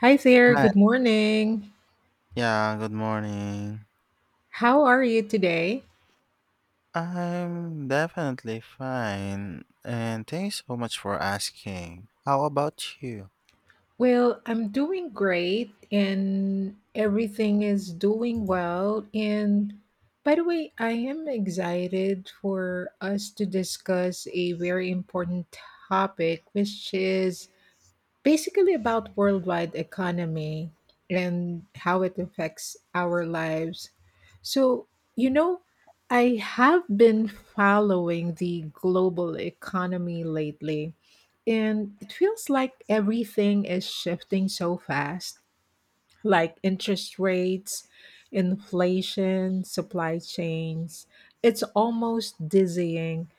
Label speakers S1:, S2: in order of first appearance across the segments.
S1: Hi there,
S2: Hi.
S1: good morning.
S2: Yeah, good morning.
S1: How are you today?
S2: I'm definitely fine, and thanks so much for asking. How about you?
S1: Well, I'm doing great and everything is doing well. And by the way, I am excited for us to discuss a very important topic, which is basically about worldwide economy and how it affects our lives. So, you know, I have been following the global economy lately, and it feels like everything is shifting so fast, like interest rates, inflation, supply chains. It's almost dizzying.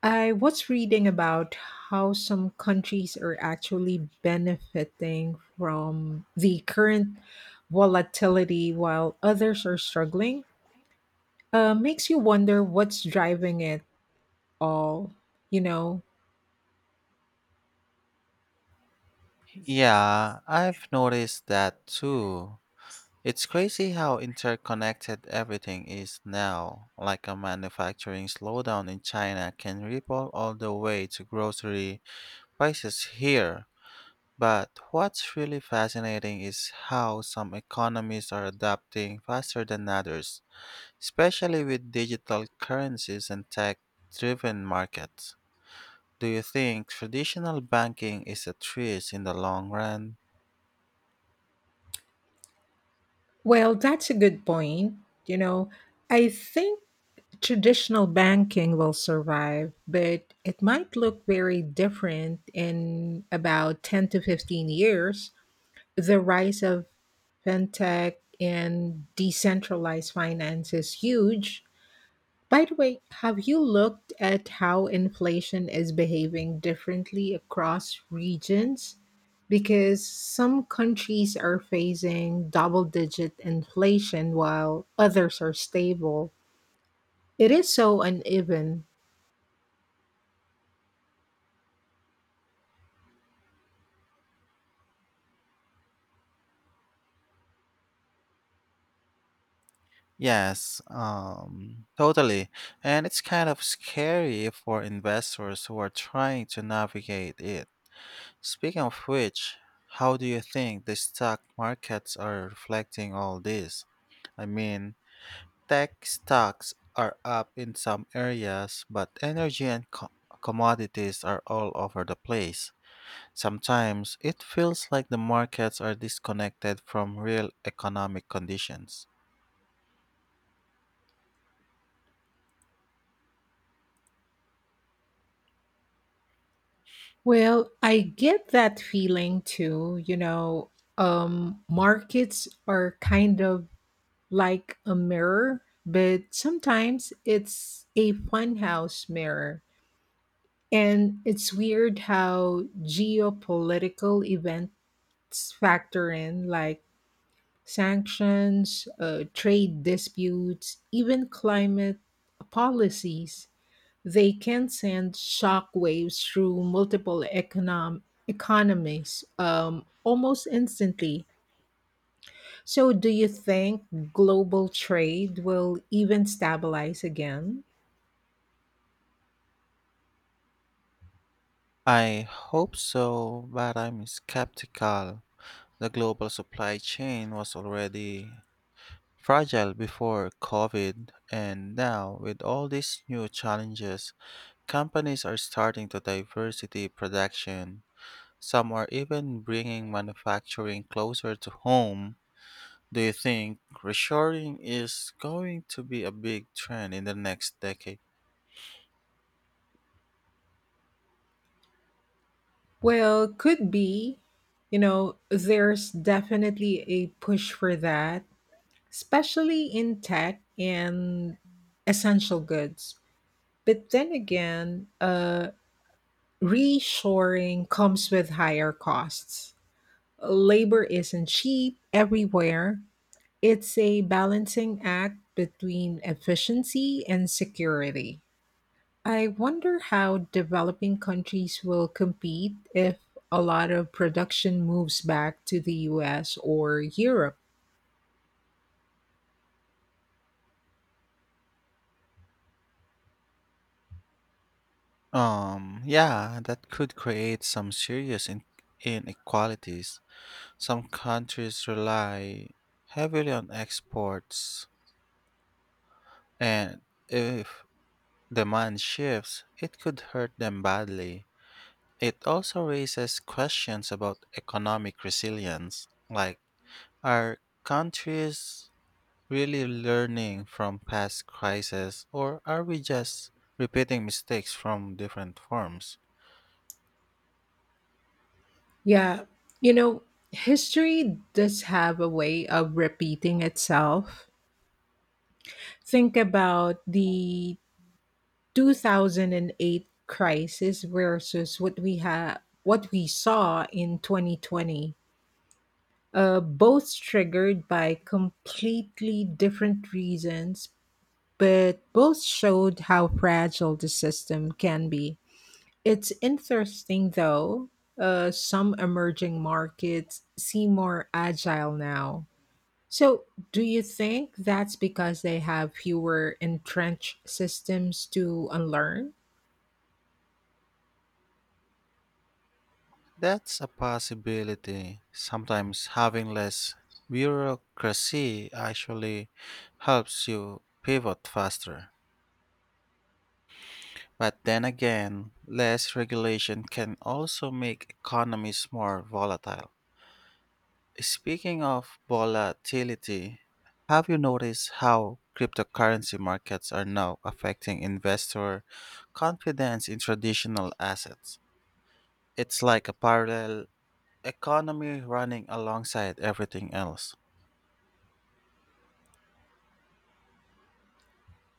S1: I was reading about how some countries are actually benefiting from the current volatility while others are struggling. Makes you wonder what's driving it all, you know?
S2: Yeah, I've noticed that too. It's crazy how interconnected everything is now. Like a manufacturing slowdown in China can ripple all the way to grocery prices here. But what's really fascinating is how some economies are adapting faster than others, especially with digital currencies and tech driven markets. Do you think traditional banking is at risk in the long run?
S1: Well, that's a good point. You know, I think traditional banking will survive, but it might look very different in about 10 to 15 years. The rise of fintech and decentralized finance is huge. By the way, have you looked at how inflation is behaving differently across regions? Because some countries are facing double digit inflation while others are stable. It is so uneven.
S2: Yes, totally. And it's kind of scary for investors who are trying to navigate it. Speaking of which, how do you think the stock markets are reflecting all this? I mean, tech stocks are up in some areas, but energy and commodities are all over the place. Sometimes it feels like the markets are disconnected from real economic conditions.
S1: Well, I get that feeling too. You know, markets are kind of like a mirror, but sometimes it's a funhouse mirror. And it's weird how geopolitical events factor in, like sanctions, trade disputes, even climate policies. They can send shockwaves through multiple economies almost instantly. So, do you think global trade will even stabilize again?
S2: I hope so, but I'm skeptical. The global supply chain was already fragile before COVID, and now with all these new challenges, companies are starting to diversity production. Some are even bringing manufacturing closer to home. Do you think reshoring is going to be a big trend in the next decade?
S1: Well, could be. You know, there's definitely a push for that, especially in tech and essential goods. But then again, reshoring comes with higher costs. Labor isn't cheap everywhere. It's a balancing act between efficiency and security. I wonder how developing countries will compete if a lot of production moves back to the US or Europe.
S2: Yeah, that could create some serious inequalities. Some countries rely heavily on exports, and if demand shifts, it could hurt them badly. It also raises questions about economic resilience, like, are countries really learning from past crises, or are we just repeating mistakes from different forms?
S1: Yeah, you know, history does have a way of repeating itself. Think about the 2008 crisis versus what we saw in 2020. Both triggered by completely different reasons, but both showed how fragile the system can be. It's interesting, though, some emerging markets seem more agile now. So, do you think that's because they have fewer entrenched systems to unlearn?
S2: That's a possibility. Sometimes having less bureaucracy actually helps you pivot faster. But then again, less regulation can also make economies more volatile. Speaking of volatility, have you noticed how cryptocurrency markets are now affecting investor confidence in traditional assets? It's like a parallel economy running alongside everything else.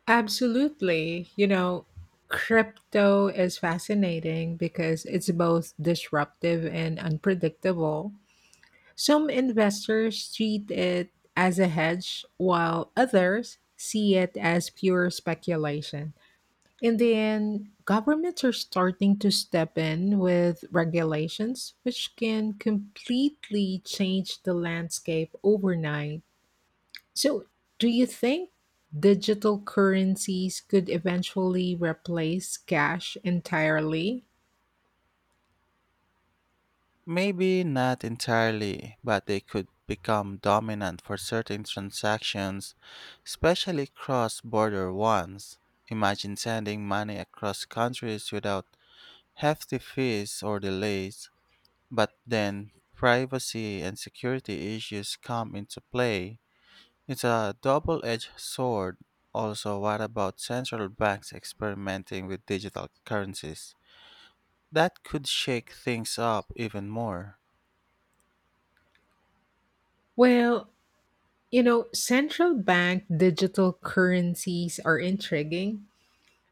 S1: Absolutely. You know, crypto is fascinating because it's both disruptive and unpredictable. Some investors treat it as a hedge, while others see it as pure speculation. And then governments are starting to step in with regulations, which can completely change the landscape overnight. So, do you think digital currencies could eventually replace cash entirely?
S2: Maybe not entirely, but they could become dominant for certain transactions, especially cross border ones. Imagine sending money across countries without hefty fees or delays. But then privacy and security issues come into play. It's a double edged sword. Also, what about central banks experimenting with digital currencies? That could shake things up even more.
S1: Well, you know, central bank digital currencies are intriguing.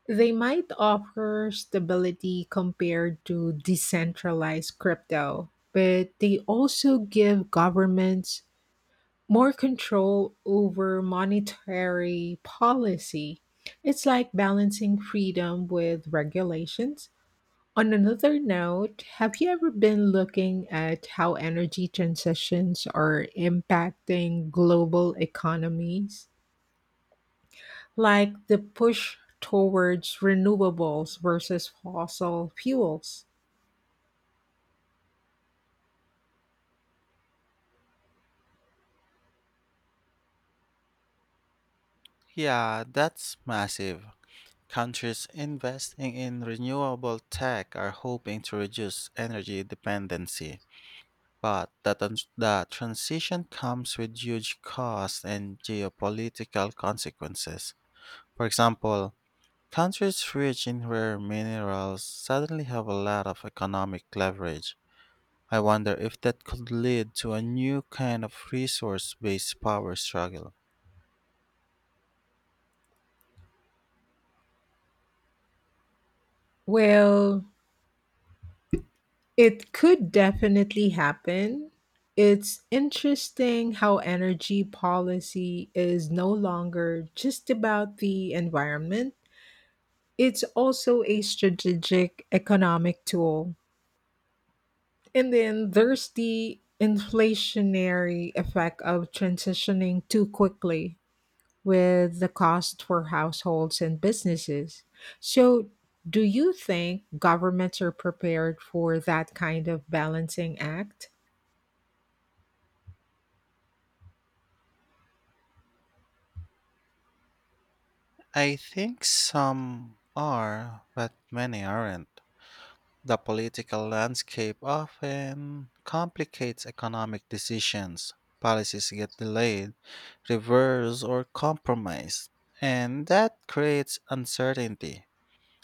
S1: They might offer stability compared to decentralized crypto, but they also give governments more control over monetary policy. It's like balancing freedom with regulations. On another note, have you ever been looking at how energy transitions are impacting global economies, like the push towards renewables versus fossil fuels?
S2: Yeah, that's massive. Countries investing in renewable tech are hoping to reduce energy dependency. But the transition comes with huge costs and geopolitical consequences. For example, countries rich in rare minerals suddenly have a lot of economic leverage. I wonder if that could lead to a new kind of resource based power struggle.
S1: Well, it could definitely happen. It's interesting how energy policy is no longer just about the environment, it's also a strategic economic tool. And then there's the inflationary effect of transitioning too quickly, with the cost for households and businesses. So, do you think governments are prepared for that kind of balancing act?
S2: I think some are, but many aren't. The political landscape often complicates economic decisions. Policies get delayed, reversed, or compromised, and that creates uncertainty.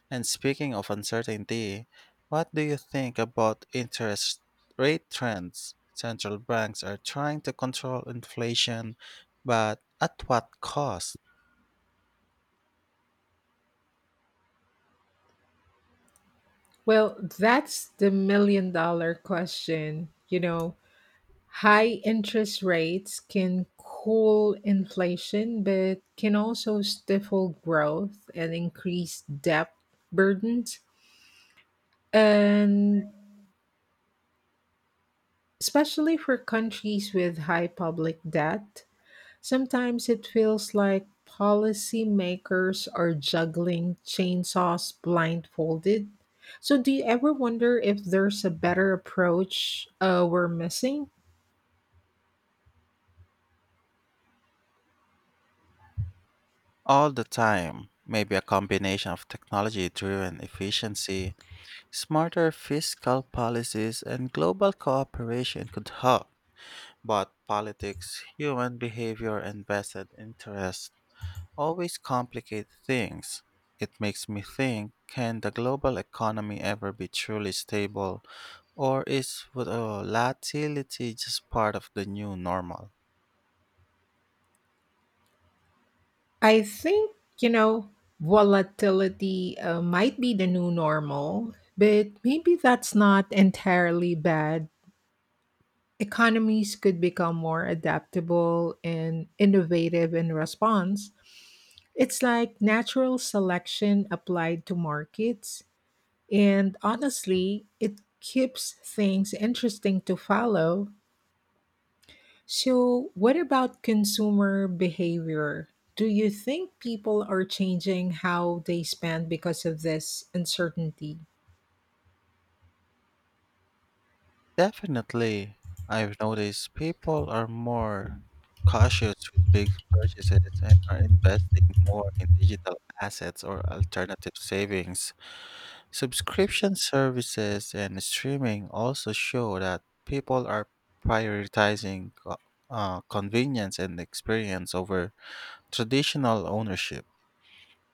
S2: And speaking of uncertainty, what do you think about interest rate trends? Central banks are trying to control inflation, but at what cost?
S1: Well, that's the million-dollar question. You know, high interest rates can cool inflation, but can also stifle growth and increase debt burdens. And especially for countries with high public debt, sometimes it feels like policymakers are juggling chainsaws blindfolded. So, do you ever wonder if there's a better approach we're missing?
S2: All the time. Maybe a combination of technology driven efficiency, smarter fiscal policies, and global cooperation could help. But politics, human behavior, and vested interests always complicate things. It makes me think, can the global economy ever be truly stable, or is volatility just part of the new normal?
S1: I think, you know, volatility might be the new normal, but maybe that's not entirely bad. Economies could become more adaptable and innovative in response. It's like natural selection applied to markets. And honestly, it keeps things interesting to follow. So, what about consumer behavior? Do you think people are changing how they spend because of this uncertainty?
S2: Definitely, I've noticed people are more cautious with big purchases and are investing more in digital assets or alternative savings. Subscription services and streaming also show that people are prioritizing convenience and experience over traditional ownership.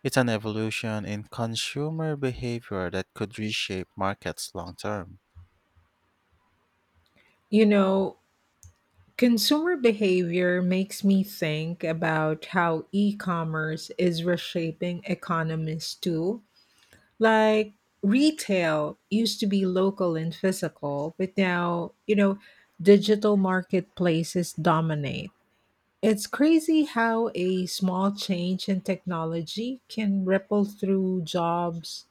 S2: It's an evolution in consumer behavior that could reshape markets long term.
S1: You know, consumer behavior makes me think about how e commerce is reshaping economies too. Like retail used to be local and physical, but now, you know, digital marketplaces dominate. It's crazy how a small change in technology can ripple through jobs,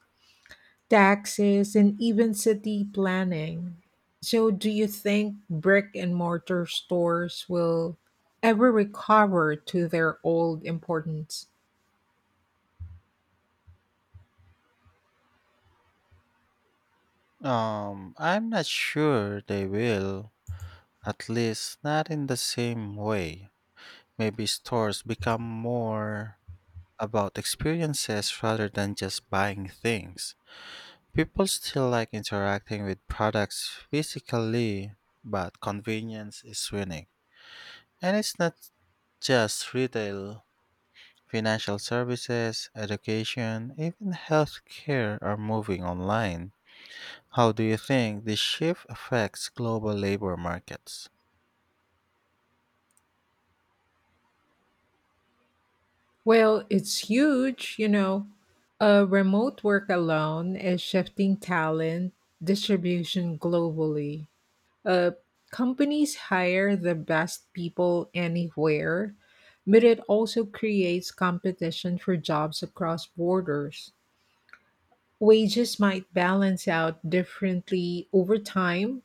S1: taxes, and even city planning. So, do you think brick and mortar stores will ever recover to their old importance?
S2: I'm not sure they will, at least not in the same way. Maybe stores become more about experiences rather than just buying things. People still like interacting with products physically, but convenience is winning. And it's not just retail, financial services, education, even healthcare are moving online. How do you think this shift affects global labor markets?
S1: Well, it's huge, you know. Remote work alone is shifting talent distribution globally. Uh, Companies hire the best people anywhere, but it also creates competition for jobs across borders. Wages might balance out differently over time,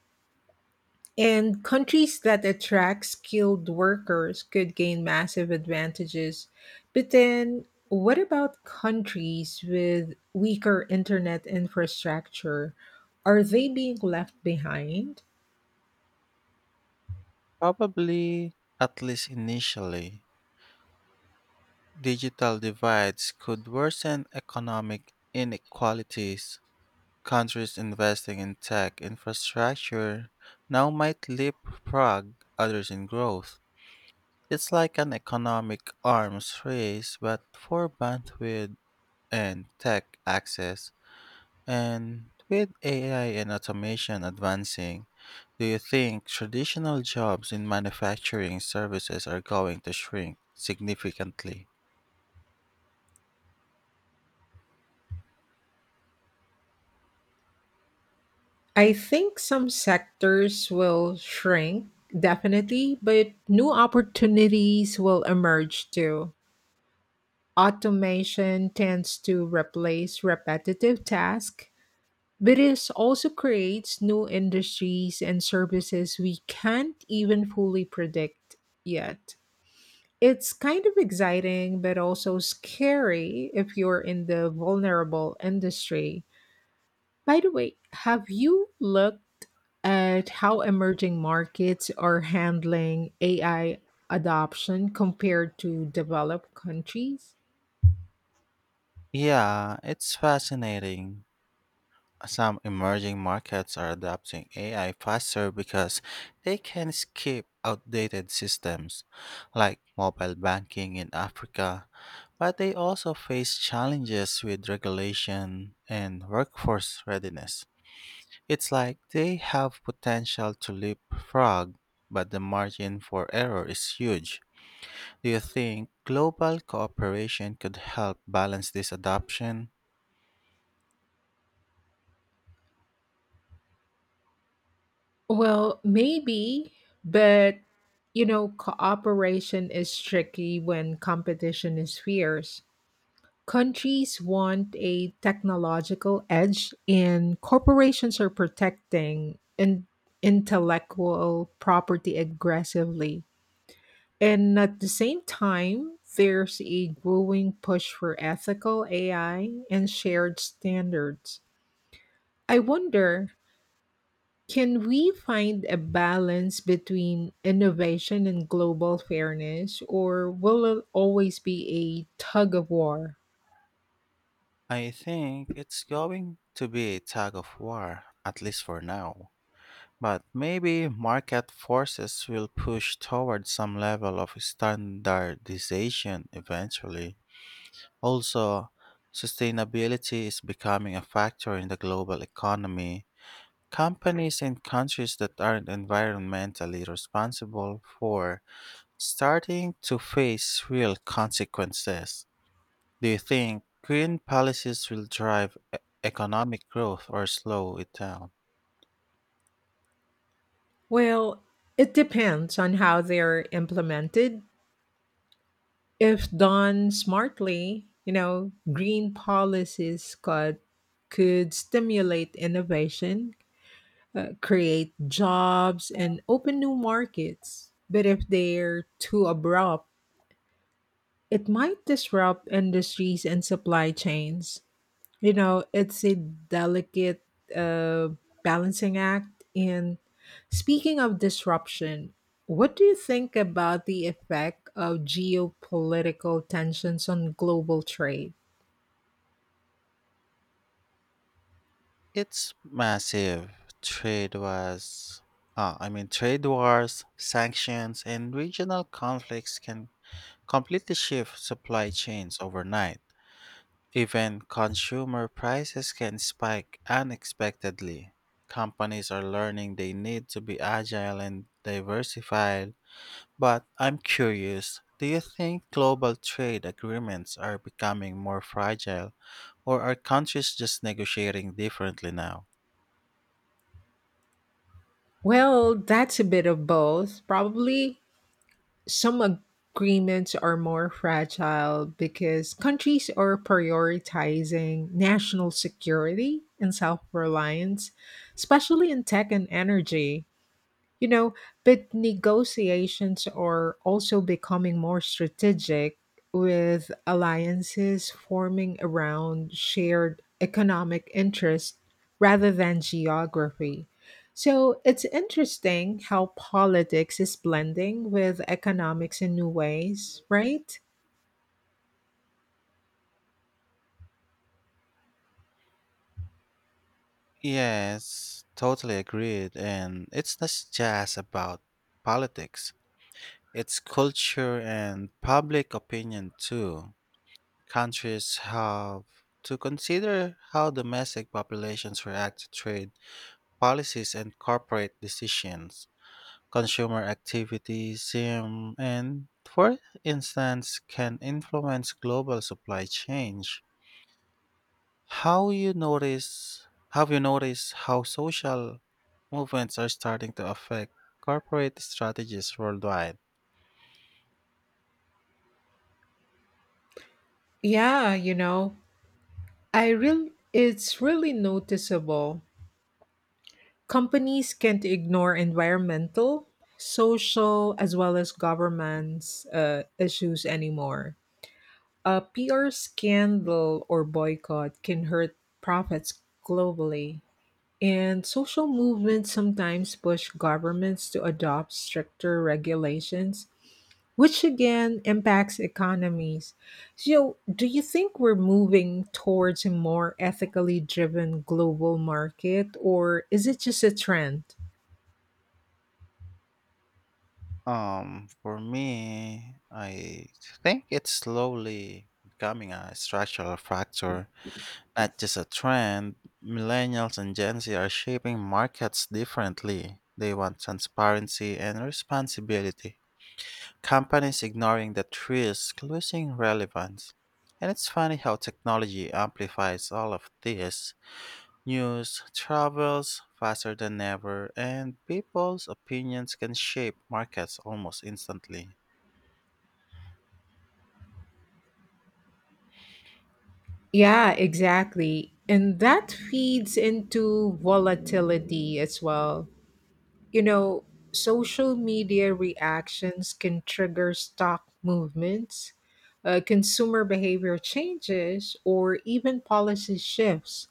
S1: and countries that attract skilled workers could gain massive advantages. But then, what about countries with weaker internet infrastructure? Are they being left behind?
S2: Probably, at least initially, digital divides could worsen economic inequalities. Countries investing in tech infrastructure now might leapfrog others in growth. It's like an economic arms race, but for bandwidth and tech access. And with AI and automation advancing, do you think traditional jobs in manufacturing services are going to shrink significantly?
S1: I think some sectors will shrink, definitely, but new opportunities will emerge too. Automation tends to replace repetitive tasks, but it also creates new industries and services we can't even fully predict yet. It's kind of exciting, but also scary if you're in the vulnerable industry. By the way, have you looked at how emerging markets are handling AI adoption compared to developed countries?
S2: Yeah, it's fascinating. Some emerging markets are adopting AI faster because they can skip outdated systems, like mobile banking in Africa, but they also face challenges with regulation and workforce readiness. It's like they have potential to leapfrog, but the margin for error is huge. Do you think global cooperation could help balance this adoption?
S1: Well, maybe, but you know, cooperation is tricky when competition is fierce. Countries want a technological edge, and corporations are protecting intellectual property aggressively. And at the same time, there's a growing push for ethical AI and shared standards. I wonder, can we find a balance between innovation and global fairness, or will it always be a tug of war?
S2: I think it's going to be a tug of war, at least for now. But maybe market forces will push toward some level of standardization eventually. Also, sustainability is becoming a factor in the global economy. Companies in countries that aren't environmentally responsible for starting to face real consequences. Do you think green policies will drive economic growth or slow it down?
S1: Well, it depends on how they're implemented. If done smartly, you know, green policies could stimulate innovation, create jobs, and open new markets. But if they're too abrupt, it might disrupt industries and supply chains. You know, it's a delicate uh, balancing act. And speaking of disruption, what do you think about the effect of geopolitical tensions on global trade?
S2: It's massive. Trade was, I mean, trade wars, sanctions, and regional conflicts can completely shift supply chains overnight. Even consumer prices can spike unexpectedly. Companies are learning they need to be agile and diversified. But I'm curious, do you think global trade agreements are becoming more fragile, or are countries just negotiating differently now?
S1: Well, that's a bit of both. Probably some agreements are more fragile because countries are prioritizing national security and self reliance, especially in tech and energy. You know, but negotiations are also becoming more strategic with alliances forming around shared economic interests rather than geography. So it's interesting how politics is blending with economics in new ways, right?
S2: Yes, totally agreed. And it's not just about politics, it's culture and public opinion too. Countries have to consider how domestic populations react to trade policies and corporate decisions. Consumer activism, and, for instance, can influence global supply change. How you notice have you noticed how social movements are starting to affect corporate strategies worldwide?
S1: Yeah, you know, I really it's really noticeable. Companies can't ignore environmental, social, as well as governance issues anymore. A PR scandal or boycott can hurt profits globally. And social movements sometimes push governments to adopt stricter regulations, which again impacts economies. So, do you think we're moving towards a more ethically driven global market, or is it just a trend?
S2: For me, I think it's slowly becoming a structural factor, not just a trend. Millennials and Gen Z are shaping markets differently. They want transparency and responsibility. Companies ignoring that risk losing relevance. And it's funny how technology amplifies all of this. News travels faster than ever, and people's opinions can shape markets almost instantly.
S1: Yeah, exactly. And that feeds into volatility as well. You know, social media reactions can trigger stock movements, consumer behavior changes, or even policy shifts.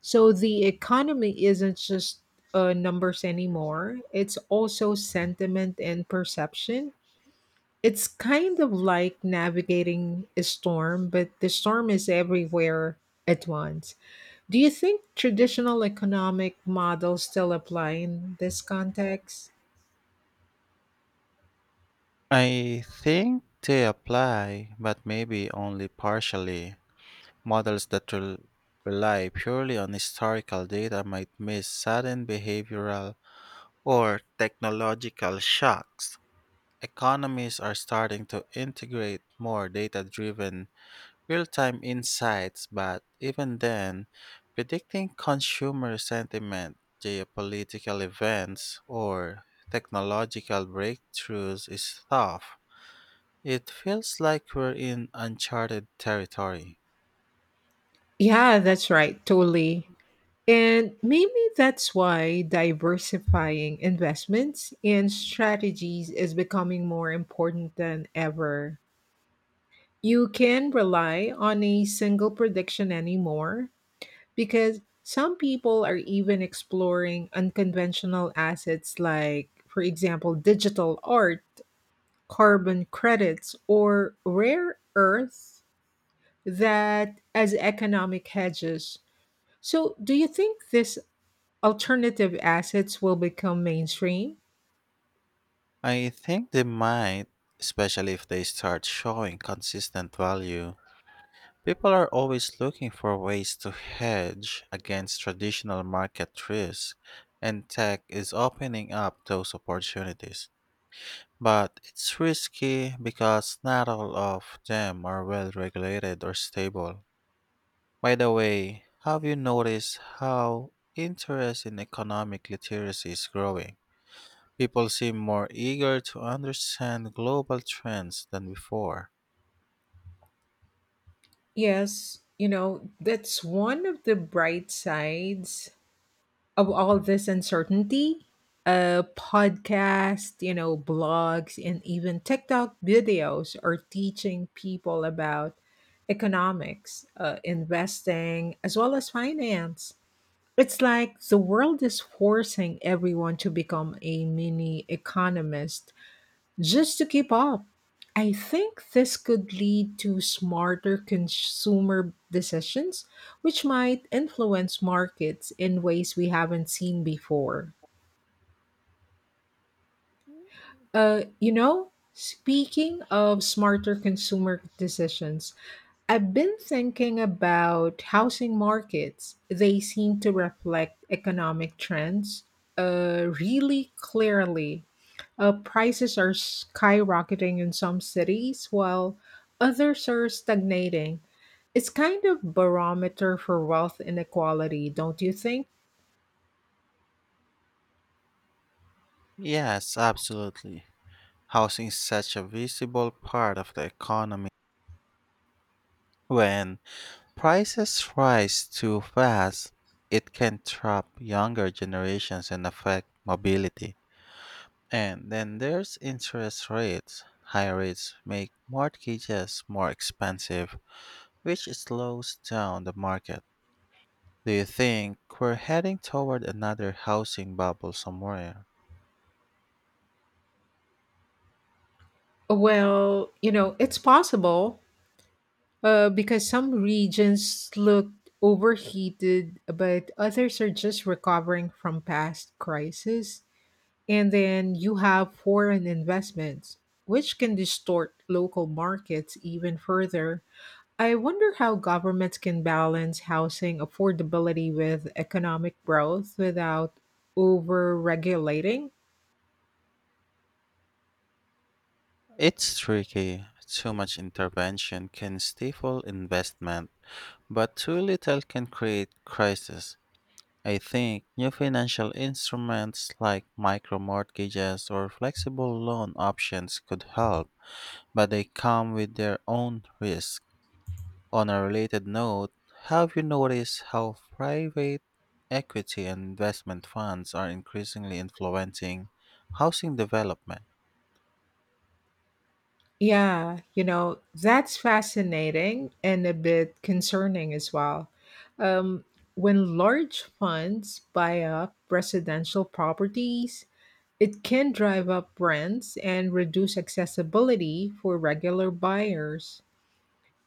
S1: So the economy isn't just numbers anymore, it's also sentiment and perception. It's kind of like navigating a storm, but the storm is everywhere at once. Do you think traditional economic models still apply in this context?
S2: I think they apply, but maybe only partially. Models that rely purely on historical data might miss sudden behavioral or technological shocks. Economies are starting to integrate more data driven, real time insights, but even then, predicting consumer sentiment, geopolitical events, or technological breakthroughs is tough. It feels like we're in uncharted territory.
S1: Yeah, that's right, totally. And maybe that's why diversifying investments and strategies is becoming more important than ever. You can rely on a single prediction anymore because some people are even exploring unconventional assets like, for example, digital art, carbon credits, or rare earth that as economic hedges. So, do you think this alternative assets will become mainstream?
S2: I think they might, especially if they start showing consistent value. People are always looking for ways to hedge against traditional market risk, and tech is opening up those opportunities. But it's risky because not all of them are well regulated or stable. By the way, have you noticed how interest in economic literacy is growing? People seem more eager to understand global trends than before.
S1: Yes, you know, that's one of the bright sides of all this uncertainty. Podcasts, you know, blogs, and even TikTok videos are teaching people about economics, investing, as well as finance. It's like the world is forcing everyone to become a mini economist just to keep up. I think this could lead to smarter consumer decisions, which might influence markets in ways we haven't seen before. Speaking of smarter consumer decisions, I've been thinking about housing markets. They seem to reflect economic trends really clearly. Prices are skyrocketing in some cities while others are stagnating. It's kind of barometer for wealth inequality, don't you think?
S2: Yes, absolutely. Housing is such a visible part of the economy. When prices rise too fast, it can trap younger generations and affect mobility. And then there's interest rates. Higher rates make mortgages more expensive, which slows down the market. Do you think we're heading toward another housing bubble somewhere?
S1: Well, you know, it's possible, because some regions look overheated, but others are just recovering from past crises. And then you have foreign investments, which can distort local markets even further. I wonder how governments can balance housing affordability with economic growth without over regulating.
S2: It's tricky. Too much intervention can stifle investment, but too little can create crisis. I think new financial instruments like micro mortgages or flexible loan options could help, but they come with their own risks. On a related note, have you noticed how private equity and investment funds are increasingly influencing housing development?
S1: Yeah, you know, that's fascinating and a bit concerning as well. Um, when large funds buy up residential properties, it can drive up rents and reduce accessibility for regular buyers.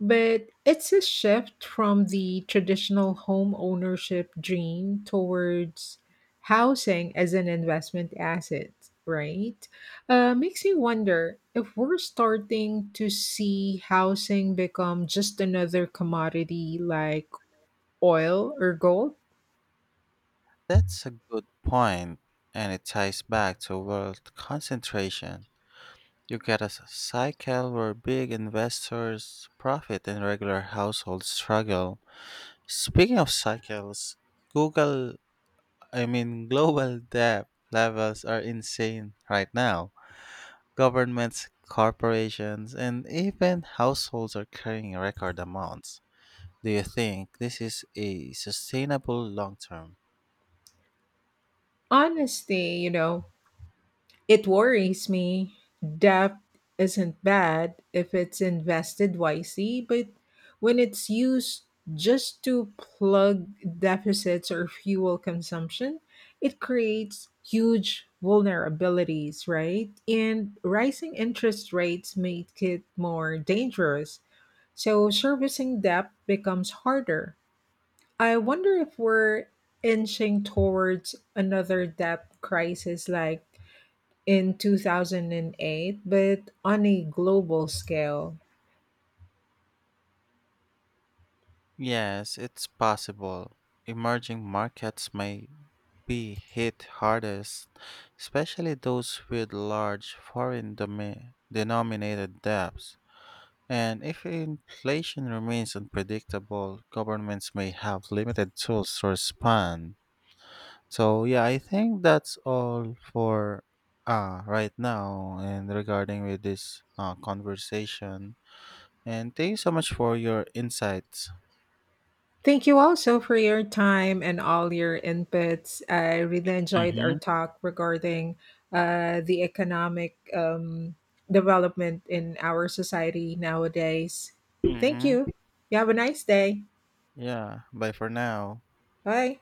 S1: But it's a shift from the traditional home ownership dream towards housing as an investment asset, right? Makes me wonder if we're starting to see housing become just another commodity like oil or gold.
S2: That's a good point, and it ties back to wealth concentration. You get a cycle where big investors profit and regular households struggle. Speaking of cycles, Google, global debt levels are insane right now. Governments, corporations, and even households are carrying record amounts. Do you think this is a sustainable long term?
S1: Honestly, you know, it worries me. Debt isn't bad if it's invested wisely, but when it's used just to plug deficits or fuel consumption, it creates huge vulnerabilities, right? And rising interest rates make it more dangerous. So servicing debt becomes harder. I wonder if we're inching towards another debt crisis like in 2008, but on a global scale.
S2: Yes, it's possible. Emerging markets may be hit hardest, especially those with large foreign denominated debts. And if inflation remains unpredictable, governments may have limited tools to respond. So yeah, I think that's all for right now and regarding with this conversation. And thank you so much for your insights.
S1: Thank you also for your time and all your inputs. I really enjoyed our
S2: Mm-hmm.
S1: talk regarding the economic development in our society nowadays. Thank you.
S2: Mm-hmm.
S1: You have a nice day.
S2: Yeah, bye for now.
S1: Bye.